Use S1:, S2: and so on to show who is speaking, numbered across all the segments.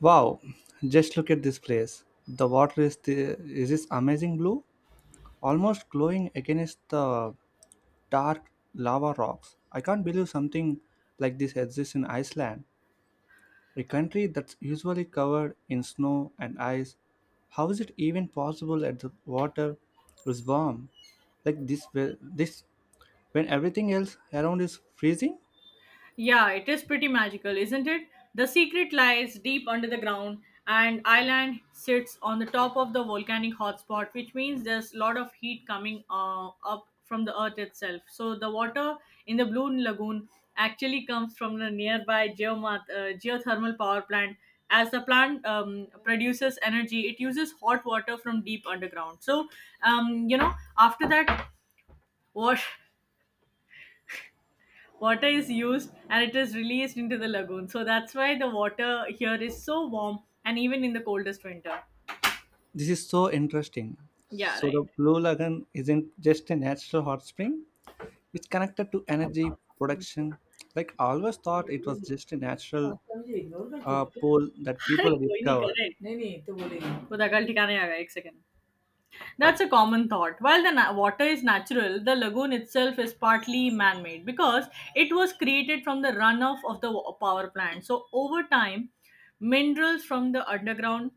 S1: Wow, just look at this place. The water is is this amazing blue, almost glowing against the dark lava rocks. I can't believe something like this exists in Iceland, a country that's usually covered in snow and ice. How is it even possible that the water is warm like this whe- this when everything else around is freezing?
S2: Yeah, it is pretty magical, isn't it? The secret lies deep under the ground, and island sits on the top of the volcanic hotspot, which means there's a lot of heat coming up from the earth itself. So the water in the Blue Lagoon actually comes from the nearby geothermal power plant. As the plant produces energy, it uses hot water from deep underground. Um, you know, After that, wash water is used and it is released into the lagoon. So that's why the water here is so warm and even in the coldest winter.
S1: This is so interesting.
S2: Yeah,
S1: So
S2: right.
S1: the Blue Lagoon isn't just a natural hot spring, it's connected to energy production. Like, I always thought it was just a natural
S2: वास्तव ignore करती ना ते.
S1: pool that
S2: अरे
S1: people
S2: कोई नहीं
S1: discovered.
S2: correct. नहीं नाही तो बोलेली वो दगल ठिकाने आ गया एक second. That's a common thought. While the water is natural, the lagoon itself is partly man made because it was created from the runoff of the power plant. So, over time, minerals from the underground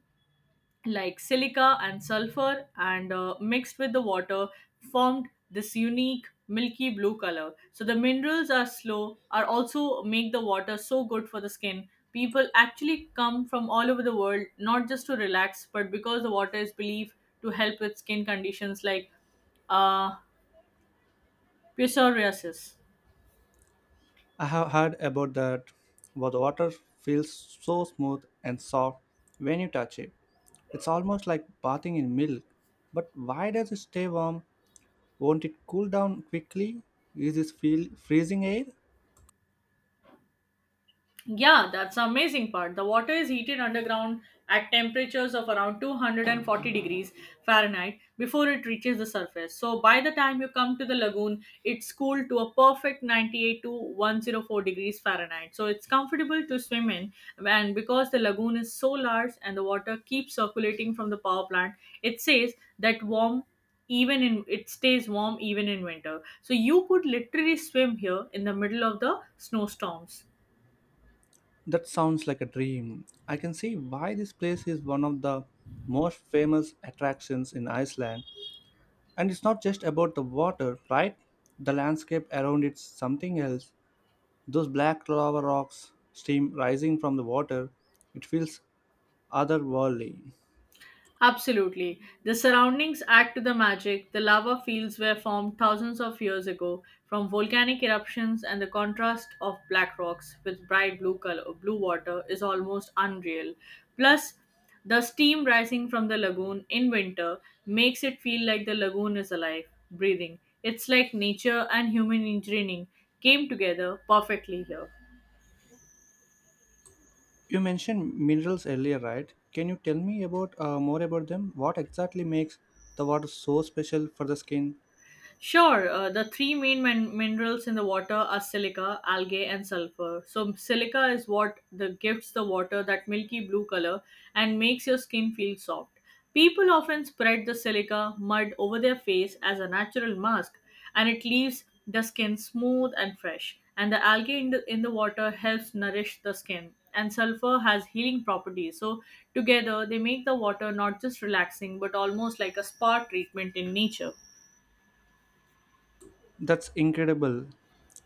S2: like silica and sulfur and mixed with the water formed this unique milky blue color, so the minerals are slow are also make the water so good for the skin. People actually come from all over the world not just to relax but because the water is believed to help with skin conditions like uh, psoriasis.
S1: I have heard about that, where the water feels so smooth and soft when you touch it. It's almost like bathing in milk. But why does it stay warm? Won't it cool down quickly? Is this feel freezing air?
S2: Yeah, that's the amazing part. The water is heated underground at temperatures of around 240 degrees Fahrenheit before it reaches the surface. So by the time you come to the lagoon, it's cooled to a perfect 98 to 104 degrees Fahrenheit. So it's comfortable to swim in, and because the lagoon is so large and the water keeps circulating from the power plant, it says that warm it stays warm even in winter. So you could literally swim here in the middle of the snowstorms.
S1: That sounds like a dream. I can see why this place is one of the most famous attractions in Iceland. And it's not just about the water, right? The landscape around it's something else. Those black lava rocks, steam rising from the water, it feels otherworldly.
S2: Absolutely. The surroundings add to the magic. The lava fields were formed thousands of years ago from volcanic eruptions, and the contrast of black rocks with bright blue color, blue water is almost unreal. Plus, the steam rising from the lagoon in winter makes it feel like the lagoon is alive, breathing. It's like nature and human engineering came together perfectly here.
S1: You mentioned minerals earlier, right? Can you tell me about more about them? What exactly makes the water so special for the skin?
S2: Sure, the three main minerals in the water are silica, algae, and sulfur. So silica is what the gives the water that milky blue color and makes your skin feel soft. People often spread the silica mud over their face as a natural mask, and it leaves the skin smooth and fresh. And the algae in the water helps nourish the skin. And sulfur has healing properties. So together, they make the water not just relaxing but almost like a spa treatment in nature.
S1: That's incredible.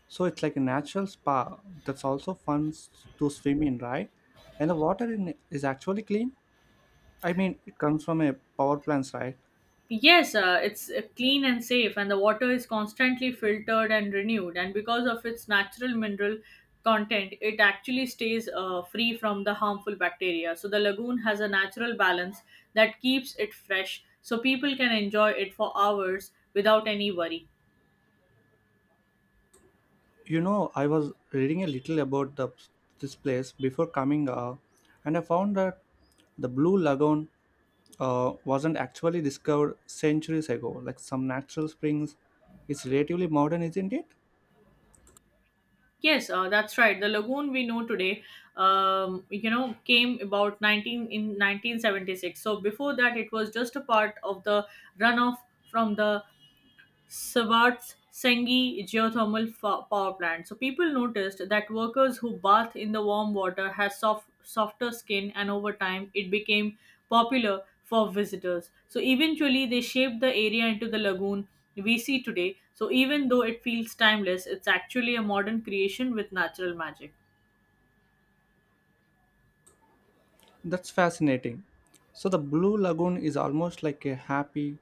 S1: So it's like a natural spa that's also fun to swim in, right? And the water in is actually clean. I mean, it comes from a power plants, right?
S2: Yes, it's clean and safe, and the water is constantly filtered and renewed. And because of its natural mineral content, it actually stays free from the harmful bacteria. So the lagoon has a natural balance that keeps it fresh, so people can enjoy it for hours without any worry.
S1: You know, I was reading a little about this place before coming, and I found that the Blue Lagoon wasn't actually discovered centuries ago, like some natural springs. It's relatively modern, isn't it?
S2: Yes, that's right. The lagoon we know today, came about 19 in 1976. So before that, it was just a part of the runoff from the Swartz Sengi geothermal power plant. So people noticed that workers who bathe in the warm water had soft, softer skin, and over time it became popular for visitors. So eventually they shaped the area into the lagoon we see today. So even though it feels timeless, it's actually a modern creation with natural magic.
S1: That's fascinating. So, the Blue Lagoon is almost like a happy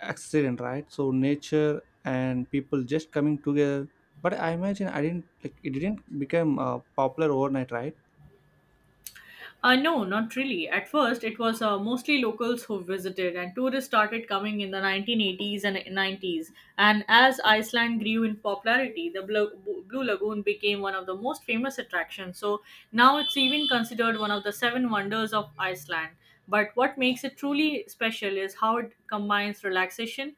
S1: accident, right? So, nature and people just coming together. But I imagine I didn't like it didn't become popular overnight, right?
S2: No, not really. At first, it was mostly locals who visited, and tourists started coming in the 1980s and 90s. And as Iceland grew in popularity, the Blue Lagoon became one of the most famous attractions. So now it's even considered one of the seven wonders of Iceland. But what makes it truly special is how it combines relaxation,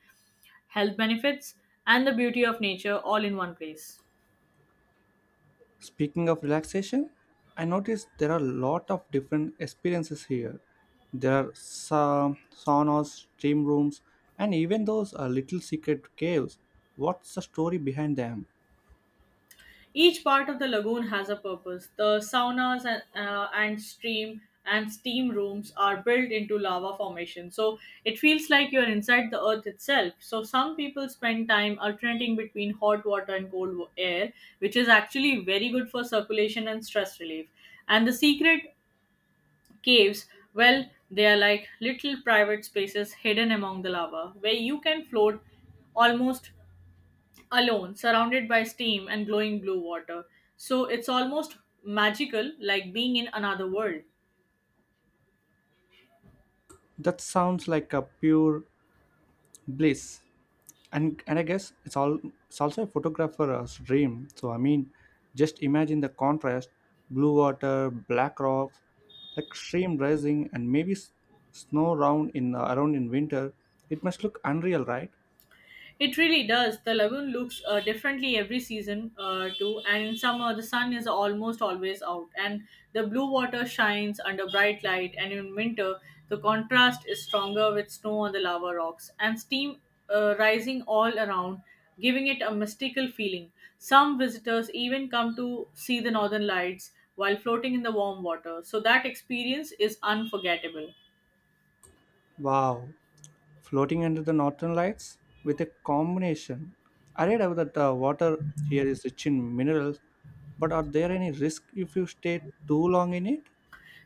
S2: health benefits, and the beauty of nature all in one place.
S1: Speaking of relaxation, I noticed there are a lot of different experiences here. There are saunas, steam rooms, and even those little secret caves. What's the story behind them?
S2: Each part of the lagoon has a purpose. The saunas and steam rooms are built into lava formation. So it feels like you're inside the earth itself. So some people spend time alternating between hot water and cold air, which is actually very good for circulation and stress relief. And the secret caves, well, they are like little private spaces hidden among the lava where you can float almost alone, surrounded by steam and glowing blue water. So it's almost magical, like being in another world.
S1: That sounds like a pure bliss. And I guess it's all it's also a photographer's dream. So I mean, just imagine the contrast: blue water, black rocks, like stream rising and maybe snow round in around in winter. It must look unreal, right?
S2: It really does. The lagoon looks differently every season, too. And in summer, the sun is almost always out, and the blue water shines under bright light. And in winter, the contrast is stronger with snow on the lava rocks and steam rising all around, giving it a mystical feeling. Some visitors even come to see the northern lights while floating in the warm water, so that experience is unforgettable.
S1: Wow, floating under the northern lights with a combination. I read about that the water here is rich in minerals, but are there any risk if you stay too long in it?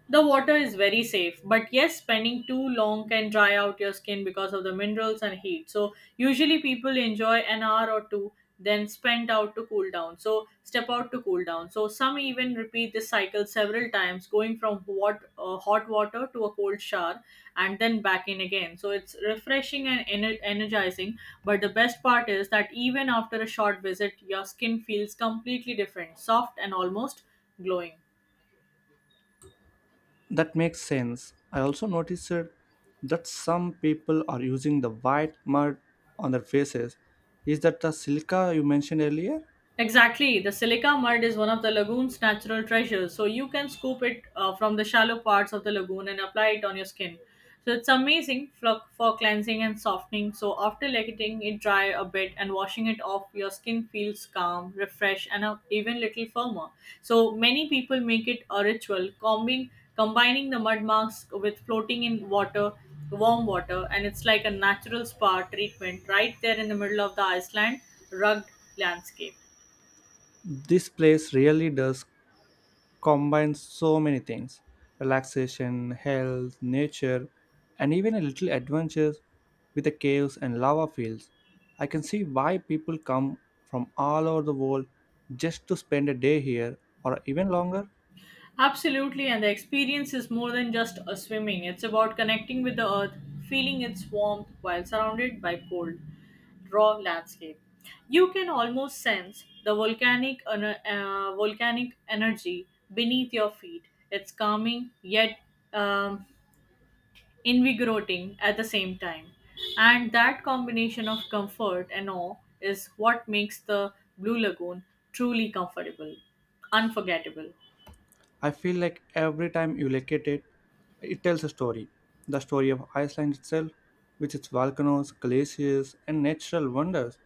S2: The water is very safe, but yes, spending too long can dry out your skin because of the minerals and heat. So usually people enjoy an hour or two, then spend out to cool down. So, step out to cool down. So some even repeat this cycle several times, going from hot water to a cold shower and then back in again. So it's refreshing and energizing. But the best part is that even after a short visit, your skin feels completely different, soft and almost glowing.
S1: That makes sense. I also noticed that some people are using the white mud on their faces. Is that the silica you mentioned earlier?
S2: Exactly. The silica mud is one of the lagoon's natural treasures, so you can scoop it from the shallow parts of the lagoon and apply it on your skin. So it's amazing for cleansing and softening. So after letting it dry a bit and washing it off, your skin feels calm, refreshed, and even little firmer. So many people make it a ritual, combining the mud mask with floating in warm water, and it's like a natural spa treatment right there in the middle of the Iceland rugged landscape.
S1: This place really does combine so many things: relaxation, health, nature, and even a little adventure with the caves and lava fields. I can see why people come from all over the world just to spend a day here or even longer.
S2: Absolutely, and the experience is more than just a swimming. It's about connecting with the earth, feeling its warmth while surrounded by cold, raw landscape. You can almost sense the volcanic energy beneath your feet. It's calming yet um, invigorating at the same time, and that combination of comfort and awe is what makes the Blue Lagoon truly comfortable, unforgettable.
S1: I feel like every time you look at it, it tells a story. The story of Iceland itself, with its volcanoes, glaciers, and natural wonders.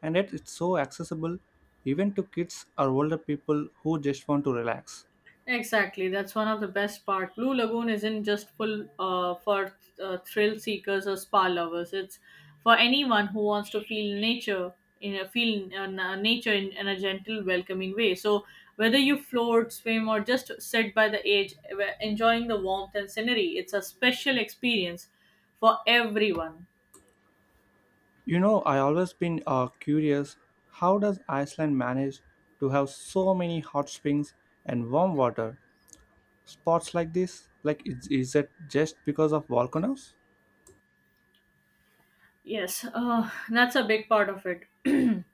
S1: And yet it's so accessible even to kids or older people who just want to relax.
S2: Exactly, that's one of the best part. Blue Lagoon isn't just full for thrill seekers or spa lovers. It's for anyone who wants to feel nature in nature in a gentle, welcoming way. So whether you float, swim, or just sit by the edge, enjoying the warmth and scenery, it's a special experience for everyone.
S1: You know, I always been curious, how does Iceland manage to have so many hot springs and warm water spots like this? Like, is it just because of volcanoes?
S2: Yes, that's a big part of it.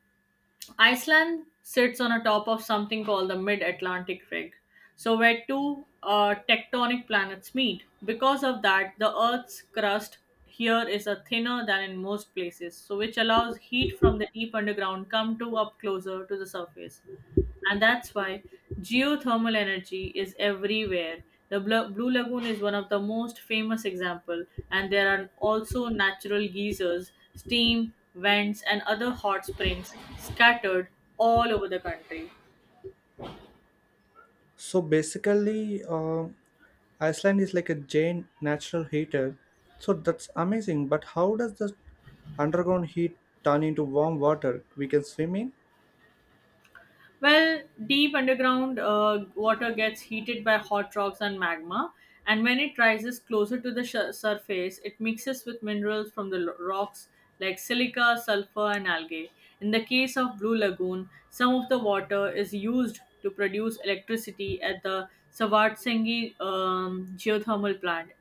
S2: Iceland sits on a top of something called the Mid Atlantic Ring, so where two tectonic planets meet. Because of that, the Earth's crust here is a thinner than in most places, so which allows heat from the deep underground come to up closer to the surface. And that's why geothermal energy is everywhere. The Blue Lagoon is one of the most famous example, and there are also natural geysers, steam vents, and other hot springs scattered all over the country.
S1: So basically, um, Iceland is like a giant natural heater. So that's amazing. But how does the underground heat turn into warm water we can swim in?
S2: Well, deep underground water gets heated by hot rocks and magma, and when it rises closer to the surface, it mixes with minerals from the rocks like silica, sulfur, and algae. In the case of Blue Lagoon, some of the water is used to produce electricity at the Savartsengi geothermal plant.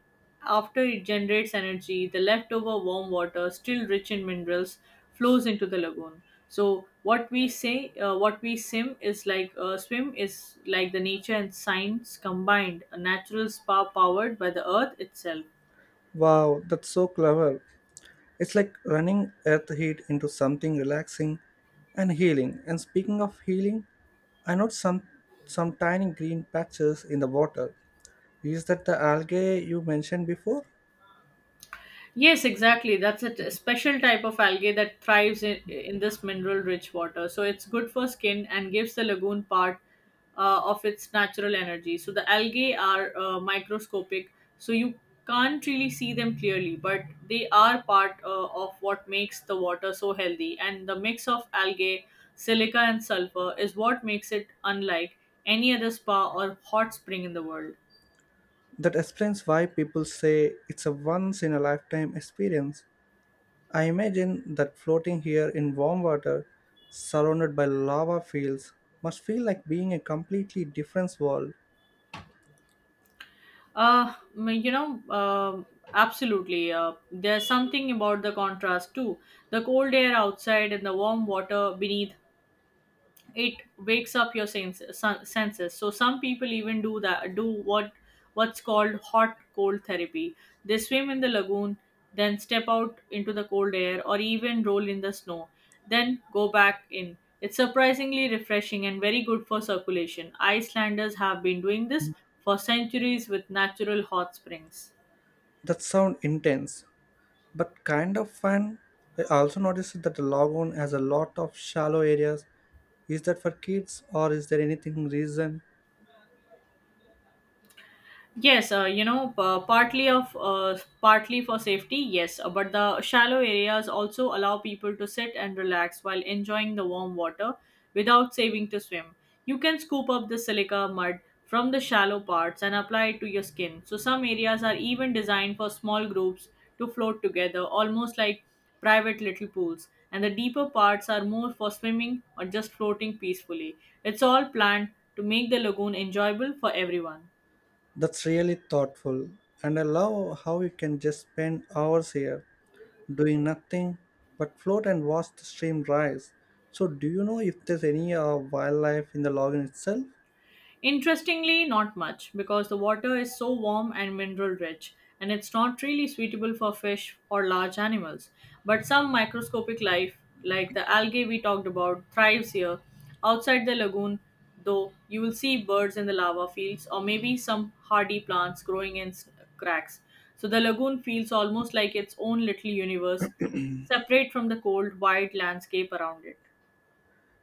S2: After it generates energy, the leftover warm water, still rich in minerals, flows into the lagoon. So what we sim is like swim is like the nature and science combined, a natural spa powered by the earth itself.
S1: Wow, that's so clever. It's like running earth heat into something relaxing and healing. And speaking of healing, I noticed some tiny green patches in the water. Is that the algae you mentioned before?
S2: Yes, exactly. That's a special type of algae that thrives in this mineral rich water. So it's good for skin and gives the lagoon part of its natural energy. So the algae are microscopic, so you can't really see them clearly, but they are part of what makes the water so healthy. And the mix of algae, silica, and sulfur is what makes it unlike any other spa or hot spring in the world.
S1: That explains why people say it's a once in a lifetime experience. I imagine that floating here in warm water, surrounded by lava fields, must feel like being a completely different world.
S2: Uh, m- you know, um Absolutely. There's something about the contrast too. The cold air outside and the warm water beneath it wakes up your senses, so some people even do what's called hot cold therapy. They swim in the lagoon, then step out into the cold air or even roll in the snow, then go back in. It's surprisingly refreshing and very good for circulation. Icelanders have been doing this for centuries with natural hot springs.
S1: That sound intense, but kind of fun. I also noticed that the lagoon has a lot of shallow areas. Is that for kids or is there anything reason?
S2: Yes, partly of partly for safety, yes, but the shallow areas also allow people to sit and relax while enjoying the warm water without saving to swim. You can scoop up the silica mud from the shallow parts and apply it to your skin. So some areas are even designed for small groups to float together, almost like private little pools. And the deeper parts are more for swimming or just floating peacefully. It's all planned to make the lagoon enjoyable for everyone.
S1: That's really thoughtful, and I love how you can just spend hours here doing nothing but float and watch the stream rise. So, do you know if there's any wildlife in the lagoon itself?
S2: Interestingly, not much, because the water is so warm and mineral rich, and it's not really suitable for fish or large animals. But some microscopic life, like the algae we talked about, thrives here. Outside the lagoon, though, you will see birds in the lava fields or maybe some hardy plants growing in cracks. So the lagoon feels almost like its own little universe, separate from the cold, wide landscape around it.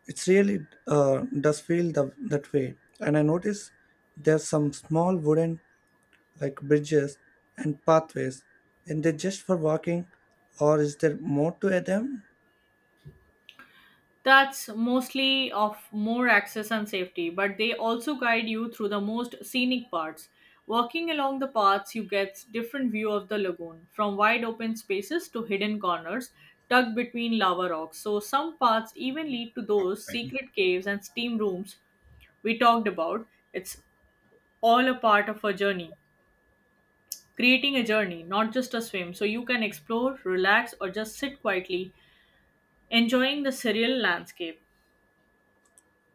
S1: It really does feel that way. And I notice there's some small wooden like bridges and pathways, and they're just for walking, or is there more to them?
S2: That's mostly of more access and safety, but they also guide you through the most scenic parts. Walking along the paths, you get different view of the lagoon, from wide open spaces to hidden corners tucked between lava rocks. So some paths even lead to those secret caves and steam rooms we talked about. It's all a part of a journey, creating a journey, not just a swim. So you can explore, relax, or just sit quietly, enjoying the surreal landscape.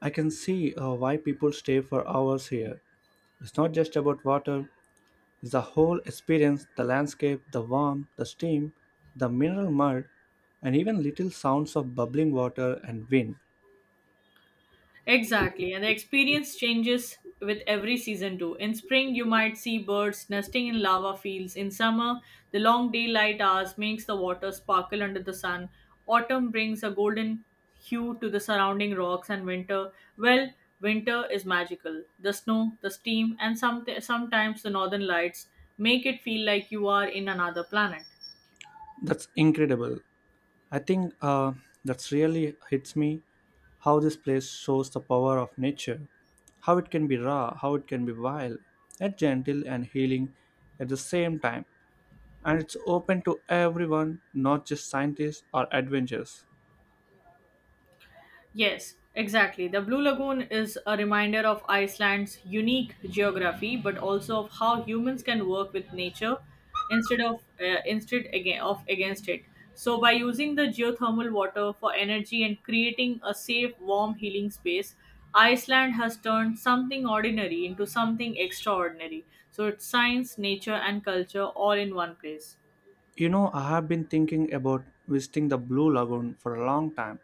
S1: I can see why people stay for hours here. It's not just about water. The whole experience, the landscape, the warmth, the steam, the mineral mud, and even little sounds of bubbling water and wind.
S2: Exactly, and the experience changes with every season too. In spring, you might see birds nesting in lava fields. In summer, the long daylight hours makes the water sparkle under the sun. Autumn brings a golden hue to the surrounding rocks, and winter, well, winter is magical. The snow, the steam, and sometimes the northern lights make it feel like you are in another planet.
S1: That's incredible. I think that's really hits me how this place shows the power of nature, how it can be raw, how it can be wild, and gentle and healing at the same time. And it's open to everyone, not just scientists or adventurers.
S2: Yes, exactly. The Blue Lagoon is a reminder of Iceland's unique geography, but also of how humans can work with nature instead of, instead again, of against it. So, by using the geothermal water for energy and creating a safe, warm, healing space, Iceland has turned something ordinary into something extraordinary. So, it's science, nature, and culture all in one place.
S1: You know, I have been thinking about visiting the Blue Lagoon for a long time,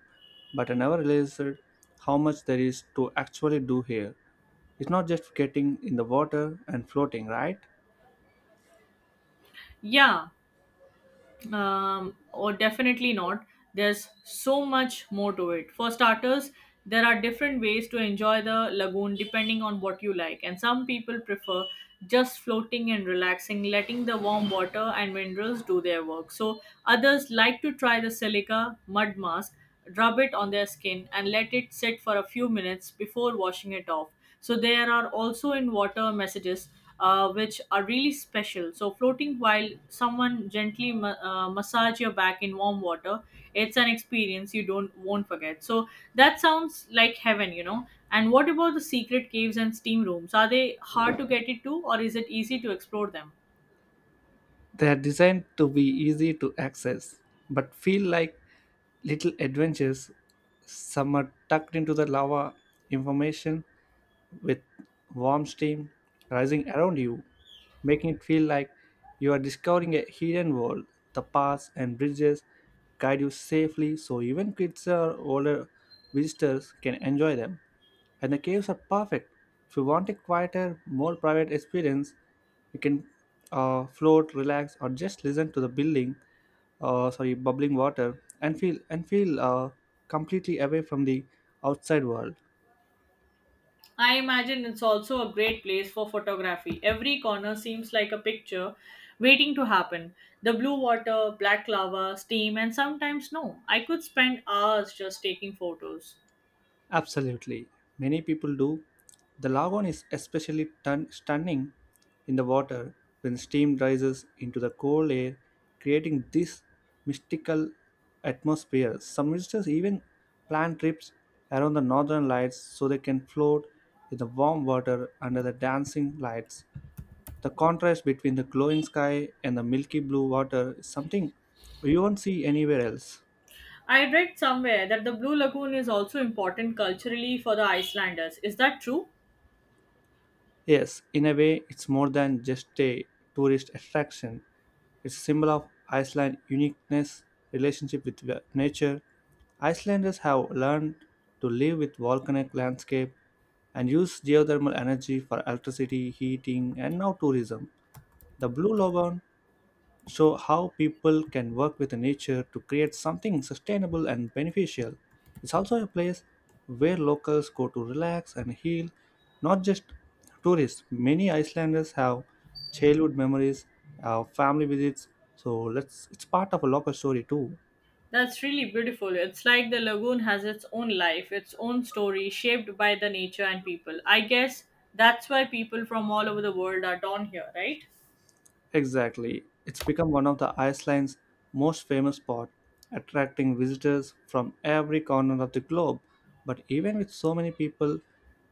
S1: but I never realized how much there is to actually do here. It's not just getting in the water and floating, right?
S2: Yeah. Or definitely not. There's so much more to it. For starters, there are different ways to enjoy the lagoon depending on what you like, and some people prefer just floating and relaxing, letting the warm water and minerals do their work. So, others like to try the silica mud mask, rub it on their skin, and let it sit for a few minutes before washing it off. So, there are also in water messages, which are really special. So floating while someone gently massage your back in warm water, it's an experience you don't won't forget. So that sounds like heaven, you know. And what about the secret caves and steam rooms? Are they hard to get into, or is it easy to explore them?
S1: They are designed to be easy to access, but feel like little adventures. Some are tucked into the lava information with warm steam rising around you, making it feel like you are discovering a hidden world. The paths and bridges guide you safely so even kids or older visitors can enjoy them. And the caves are perfect. If you want a quieter, more private experience, you can float, relax, or just listen to the building, sorry, bubbling water, and feel completely away from the outside world.
S2: I imagine it's also a great place for photography. Every corner seems like a picture waiting to happen. The blue water, black lava, steam, and sometimes snow. I could spend hours just taking photos.
S1: Absolutely. Many people do. The lagoon is especially stunning in the water when steam rises into the cold air, creating this mystical atmosphere. Some visitors even plan trips around the northern lights so they can float in the warm water under the dancing lights. The contrast between the glowing sky and the milky blue water is something you won't see anywhere else.
S2: I read somewhere that the Blue Lagoon is also important culturally for the Icelanders. Is that true?
S1: Yes, in a way, it's more than just a tourist attraction. It's a symbol of Iceland's uniqueness, relationship with nature. Icelanders have learned to live with volcanic landscape and use geothermal energy for electricity, heating, and now tourism. The Blue Lagoon show how people can work with nature to create something sustainable and beneficial. It's also a place where locals go to relax and heal, not just tourists. Many Icelanders have childhood memories, family visits, so let's it's part of a local story too.
S2: That's really beautiful. It's like the lagoon has its own life, its own story, shaped by the nature and people. I guess that's why people from all over the world are drawn here, right?
S1: Exactly. It's become one of the Iceland's most famous spots, attracting visitors from every corner of the globe. But even with so many people,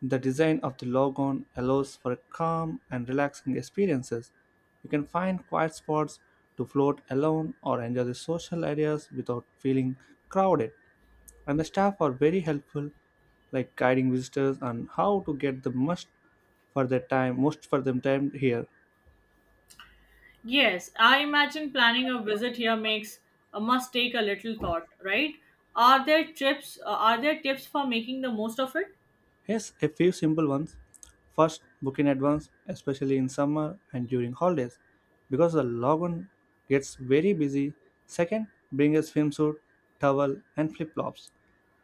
S1: the design of the Logon allows for calm and relaxing experiences. You can find quiet spots to float alone or enjoy the social areas without feeling crowded. And the staff are very helpful, like guiding visitors on how to get the most for their time, most for them time here.
S2: Yes, I imagine planning a visit here makes, must take a little thought, right? Are there trips? Are there tips for making the most of it?
S1: Yes, a few simple ones. First, book in advance, especially in summer and during holidays, because the lagoon gets very busy. Second, bring a swimsuit, towel, and flip flops.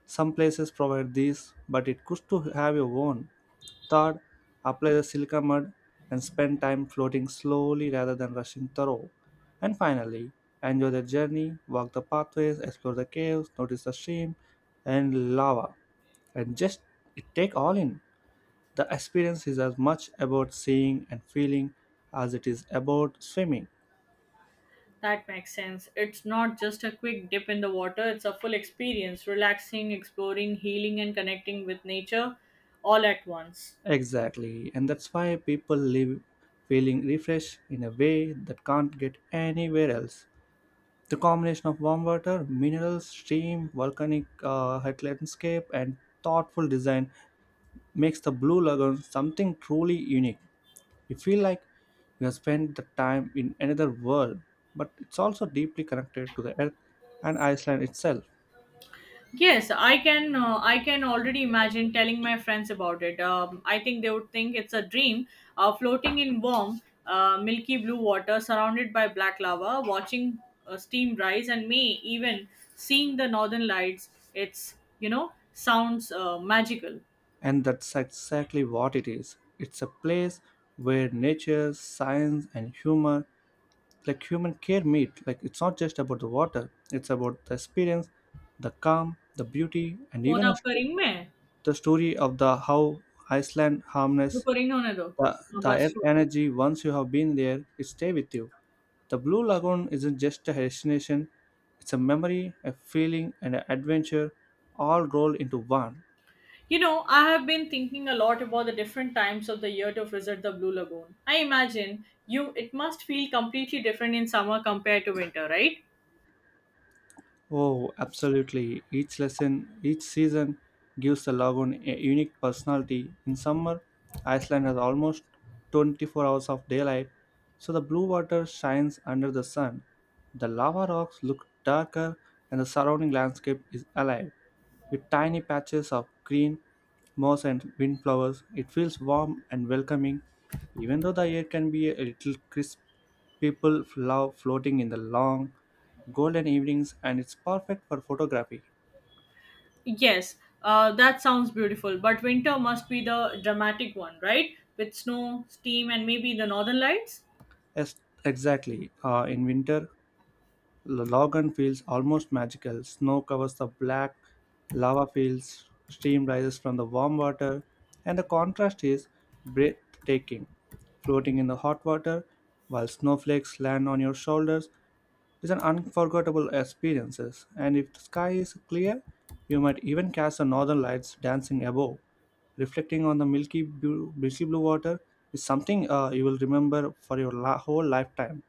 S1: Some places provide these, but it costs to have your own. Third, apply the silica mud and spend time floating slowly rather than rushing through. And finally, enjoy the journey, walk the pathways, explore the caves, notice the stream and lava, and just it take all in. The experience is as much about seeing and feeling as it is about swimming.
S2: That makes sense. It's not just a quick dip in the water, it's a full experience, relaxing, exploring, healing and connecting with nature all at once.
S1: Exactly, and that's why people live feeling refreshed in a way that can't get anywhere else. The combination of warm water, minerals, stream, volcanic hut landscape, and thoughtful design makes the Blue Lagoon something truly unique. You feel like you have spent the time in another world, but it's also deeply connected to the earth and Iceland itself.
S2: Yes, I can, I can already imagine telling my friends about it. I think they would think it's a dream, floating in warm, milky blue water surrounded by black lava, watching steam rise and may even seeing the northern lights. It's, you know, sounds magical.
S1: And that's exactly what it is. It's a place where nature, science, and humor like human care meet. Like, it's not just about the water, it's about the experience, the calm, the beauty, and
S2: Phone
S1: even a
S2: up करेंगे मैं
S1: the story of the how Iceland harness
S2: रुको, ring होने दो। हाँ,
S1: the
S2: बस
S1: earth
S2: छोड़।
S1: energy. Once you have been there, it stay with you. The Blue Lagoon isn't just a destination, it's a memory, a feeling, and an adventure all rolled into one.
S2: You know, I have been thinking a lot about the different times of the year to visit the Blue Lagoon. I imagine you it must feel completely different in summer compared to winter, right?
S1: Oh, absolutely. Each lesson, each season gives the lagoon a unique personality. In summer, Iceland has almost 24 hours of daylight, so the blue water shines under the sun. The lava rocks look darker, and the surrounding landscape is alive. With tiny patches of green moss and windflowers, it feels warm and welcoming. Even though the air can be a little crisp, people love floating in the long, golden evenings, and it's perfect for photography.
S2: Yes, that sounds beautiful, but winter must be the dramatic one, right? With snow, steam, and maybe the northern lights.
S1: Yes, exactly. In winter, the Logan feels almost magical. Snow covers the black lava fields, steam rises from the warm water, and the contrast is breathtaking. Floating in the hot water while snowflakes land on your shoulders is an unforgettable experience. And if the sky is clear, you might even catch the northern lights dancing above. Reflecting on the milky blue water is something you will remember for your whole lifetime.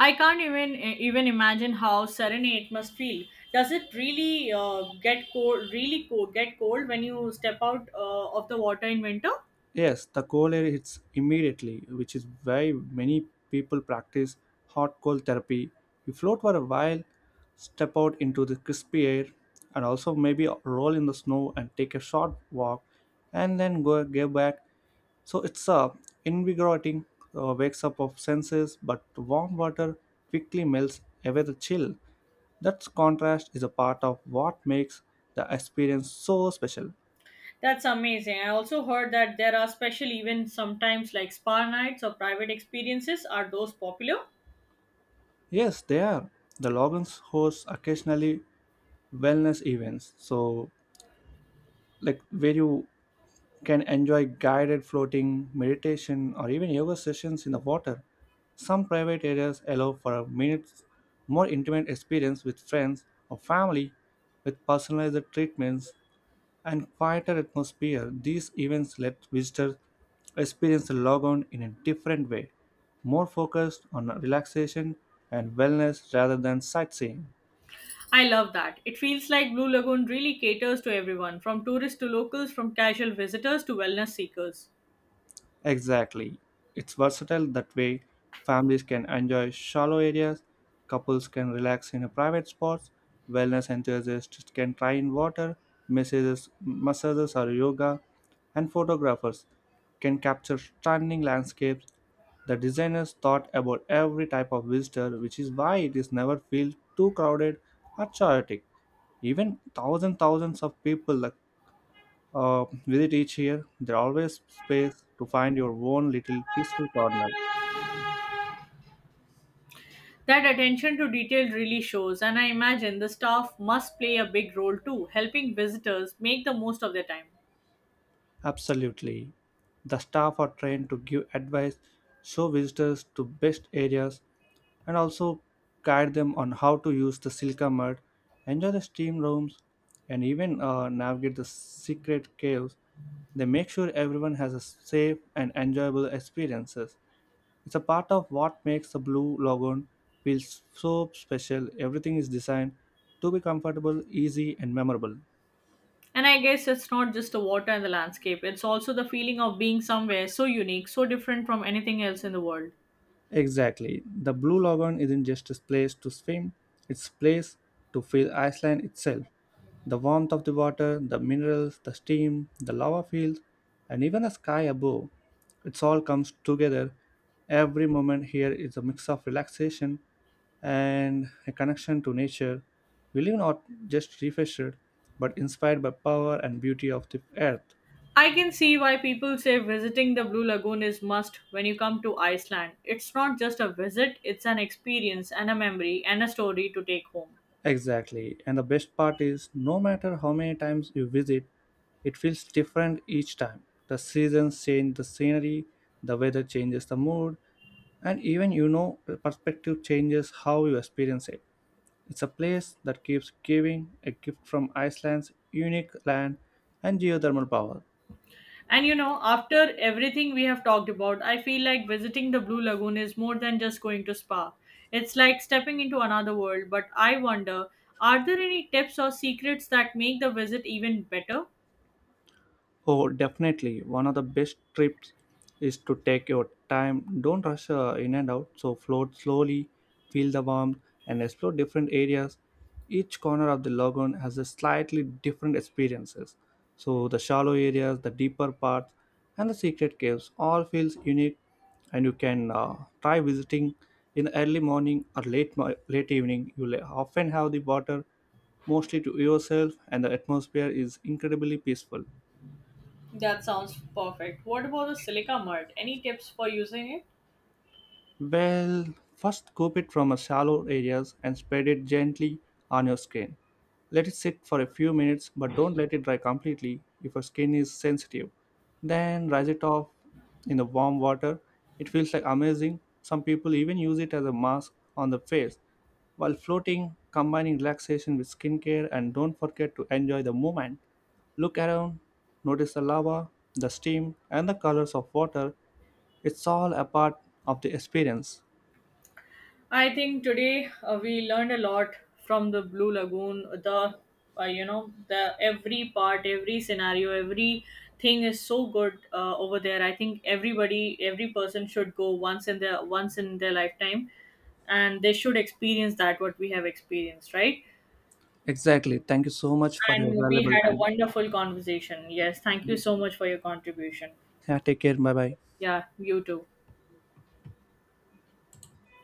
S2: I can't even imagine how serene it must feel. Does it really uh, get cold? Really cold? Get cold when you step out of the water in winter?
S1: Yes, the cold air hits immediately, which is why many people practice hot cold therapy. You float for a while, step out into the crispy air, and also maybe roll in the snow and take a short walk, and then go get back. So it's a invigorating wakes up of senses, but warm water quickly melts away the chill. That contrast is a part of what makes the experience so special.
S2: That's amazing. I also heard that there are special events sometimes like spa nights or private experiences. Are those popular?
S1: Yes, they are. The Logans hosts occasionally wellness events, so like where you can enjoy guided floating, meditation, or even yoga sessions in the water. Some private areas allow for a minute's more intimate experience with friends or family, with personalized treatments and quieter atmosphere. These events let visitors experience the logon in a different way, more focused on relaxation and wellness rather than sightseeing.
S2: I love that. It feels like Blue Lagoon really caters to everyone, from tourists to locals, from casual visitors to wellness seekers.
S1: Exactly. It's versatile that way. Families can enjoy shallow areas, couples can relax in a private spots, wellness enthusiasts can try in water, massages or yoga, and photographers can capture stunning landscapes. The designers thought about every type of visitor, which is why it is never feel too crowded or chaotic. Even thousands of people like, visit each year, there are always space to find your own little peaceful corner.
S2: That attention to detail really shows, and I imagine the staff must play a big role too, helping visitors make the most of their time.
S1: Absolutely. The staff are trained to give advice, show visitors to best areas, and also guide them on how to use the silica mud, enjoy the steam rooms, and even navigate the secret caves. They make sure everyone has a safe and enjoyable experiences. It's a part of what makes the Blue Lagoon feel so special. Everything is designed to be comfortable, easy, and memorable.
S2: And I guess it's not just the water and the landscape, it's also the feeling of being somewhere so unique, so different from anything else in the world.
S1: Exactly. The Blue Lagoon isn't just a place to swim, it's a place to feel Iceland itself. The warmth of the water, the minerals, the steam, the lava fields, and even the sky above. It all comes together. Every moment here is a mix of relaxation and a connection to nature. We live not just refreshed, but inspired by power and beauty of the earth.
S2: I can see why people say visiting the Blue Lagoon is must when you come to Iceland. It's not just a visit, it's an experience and a memory and a story to take home.
S1: Exactly. And the best part is no matter how many times you visit, it feels different each time. The seasons change the scenery, the weather changes the mood, and even you know the perspective changes how you experience it. It's a place that keeps giving a gift from Iceland's unique land and geothermal power.
S2: And you know, after everything we have talked about, I feel like visiting the Blue Lagoon is more than just going to spa. It's like stepping into another world, but I wonder, are there any tips or secrets that make the visit even better?
S1: Oh, definitely. One of the best trips is to take your time. Don't rush in and out. So float slowly, feel the warmth, and explore different areas. Each corner of the lagoon has a slightly different experiences. So the shallow areas, the deeper parts, and the secret caves all feels unique. And you can try visiting in early morning or late evening. You'll often have the water mostly to yourself, and the atmosphere is incredibly peaceful.
S2: That sounds perfect. What about the silica mud? Any tips for using it?
S1: Well, first scoop it from a shallow areas and spread it gently on your skin. Let it sit for a few minutes, but don't let it dry completely if your skin is sensitive. Then rinse it off in the warm water. It feels like amazing. Some people even use it as a mask on the face. While floating, combining relaxation with skincare and don't forget to enjoy the moment. Look around, notice the lava, the steam, and the colors of water it's all a part of the experience.
S2: I think today we learned a lot from the Blue Lagoon. The you know, the every part, every scenario, every thing is so good over there. I think everybody, every person should go once in their lifetime, and they should experience that what we have experienced, right?
S1: Exactly. Thank you so much for your
S2: And we
S1: valuable
S2: had a
S1: time.
S2: wonderful conversation. Yes, thank you so much for your contribution.
S1: Yeah, take care. Bye bye.
S2: Yeah, you too.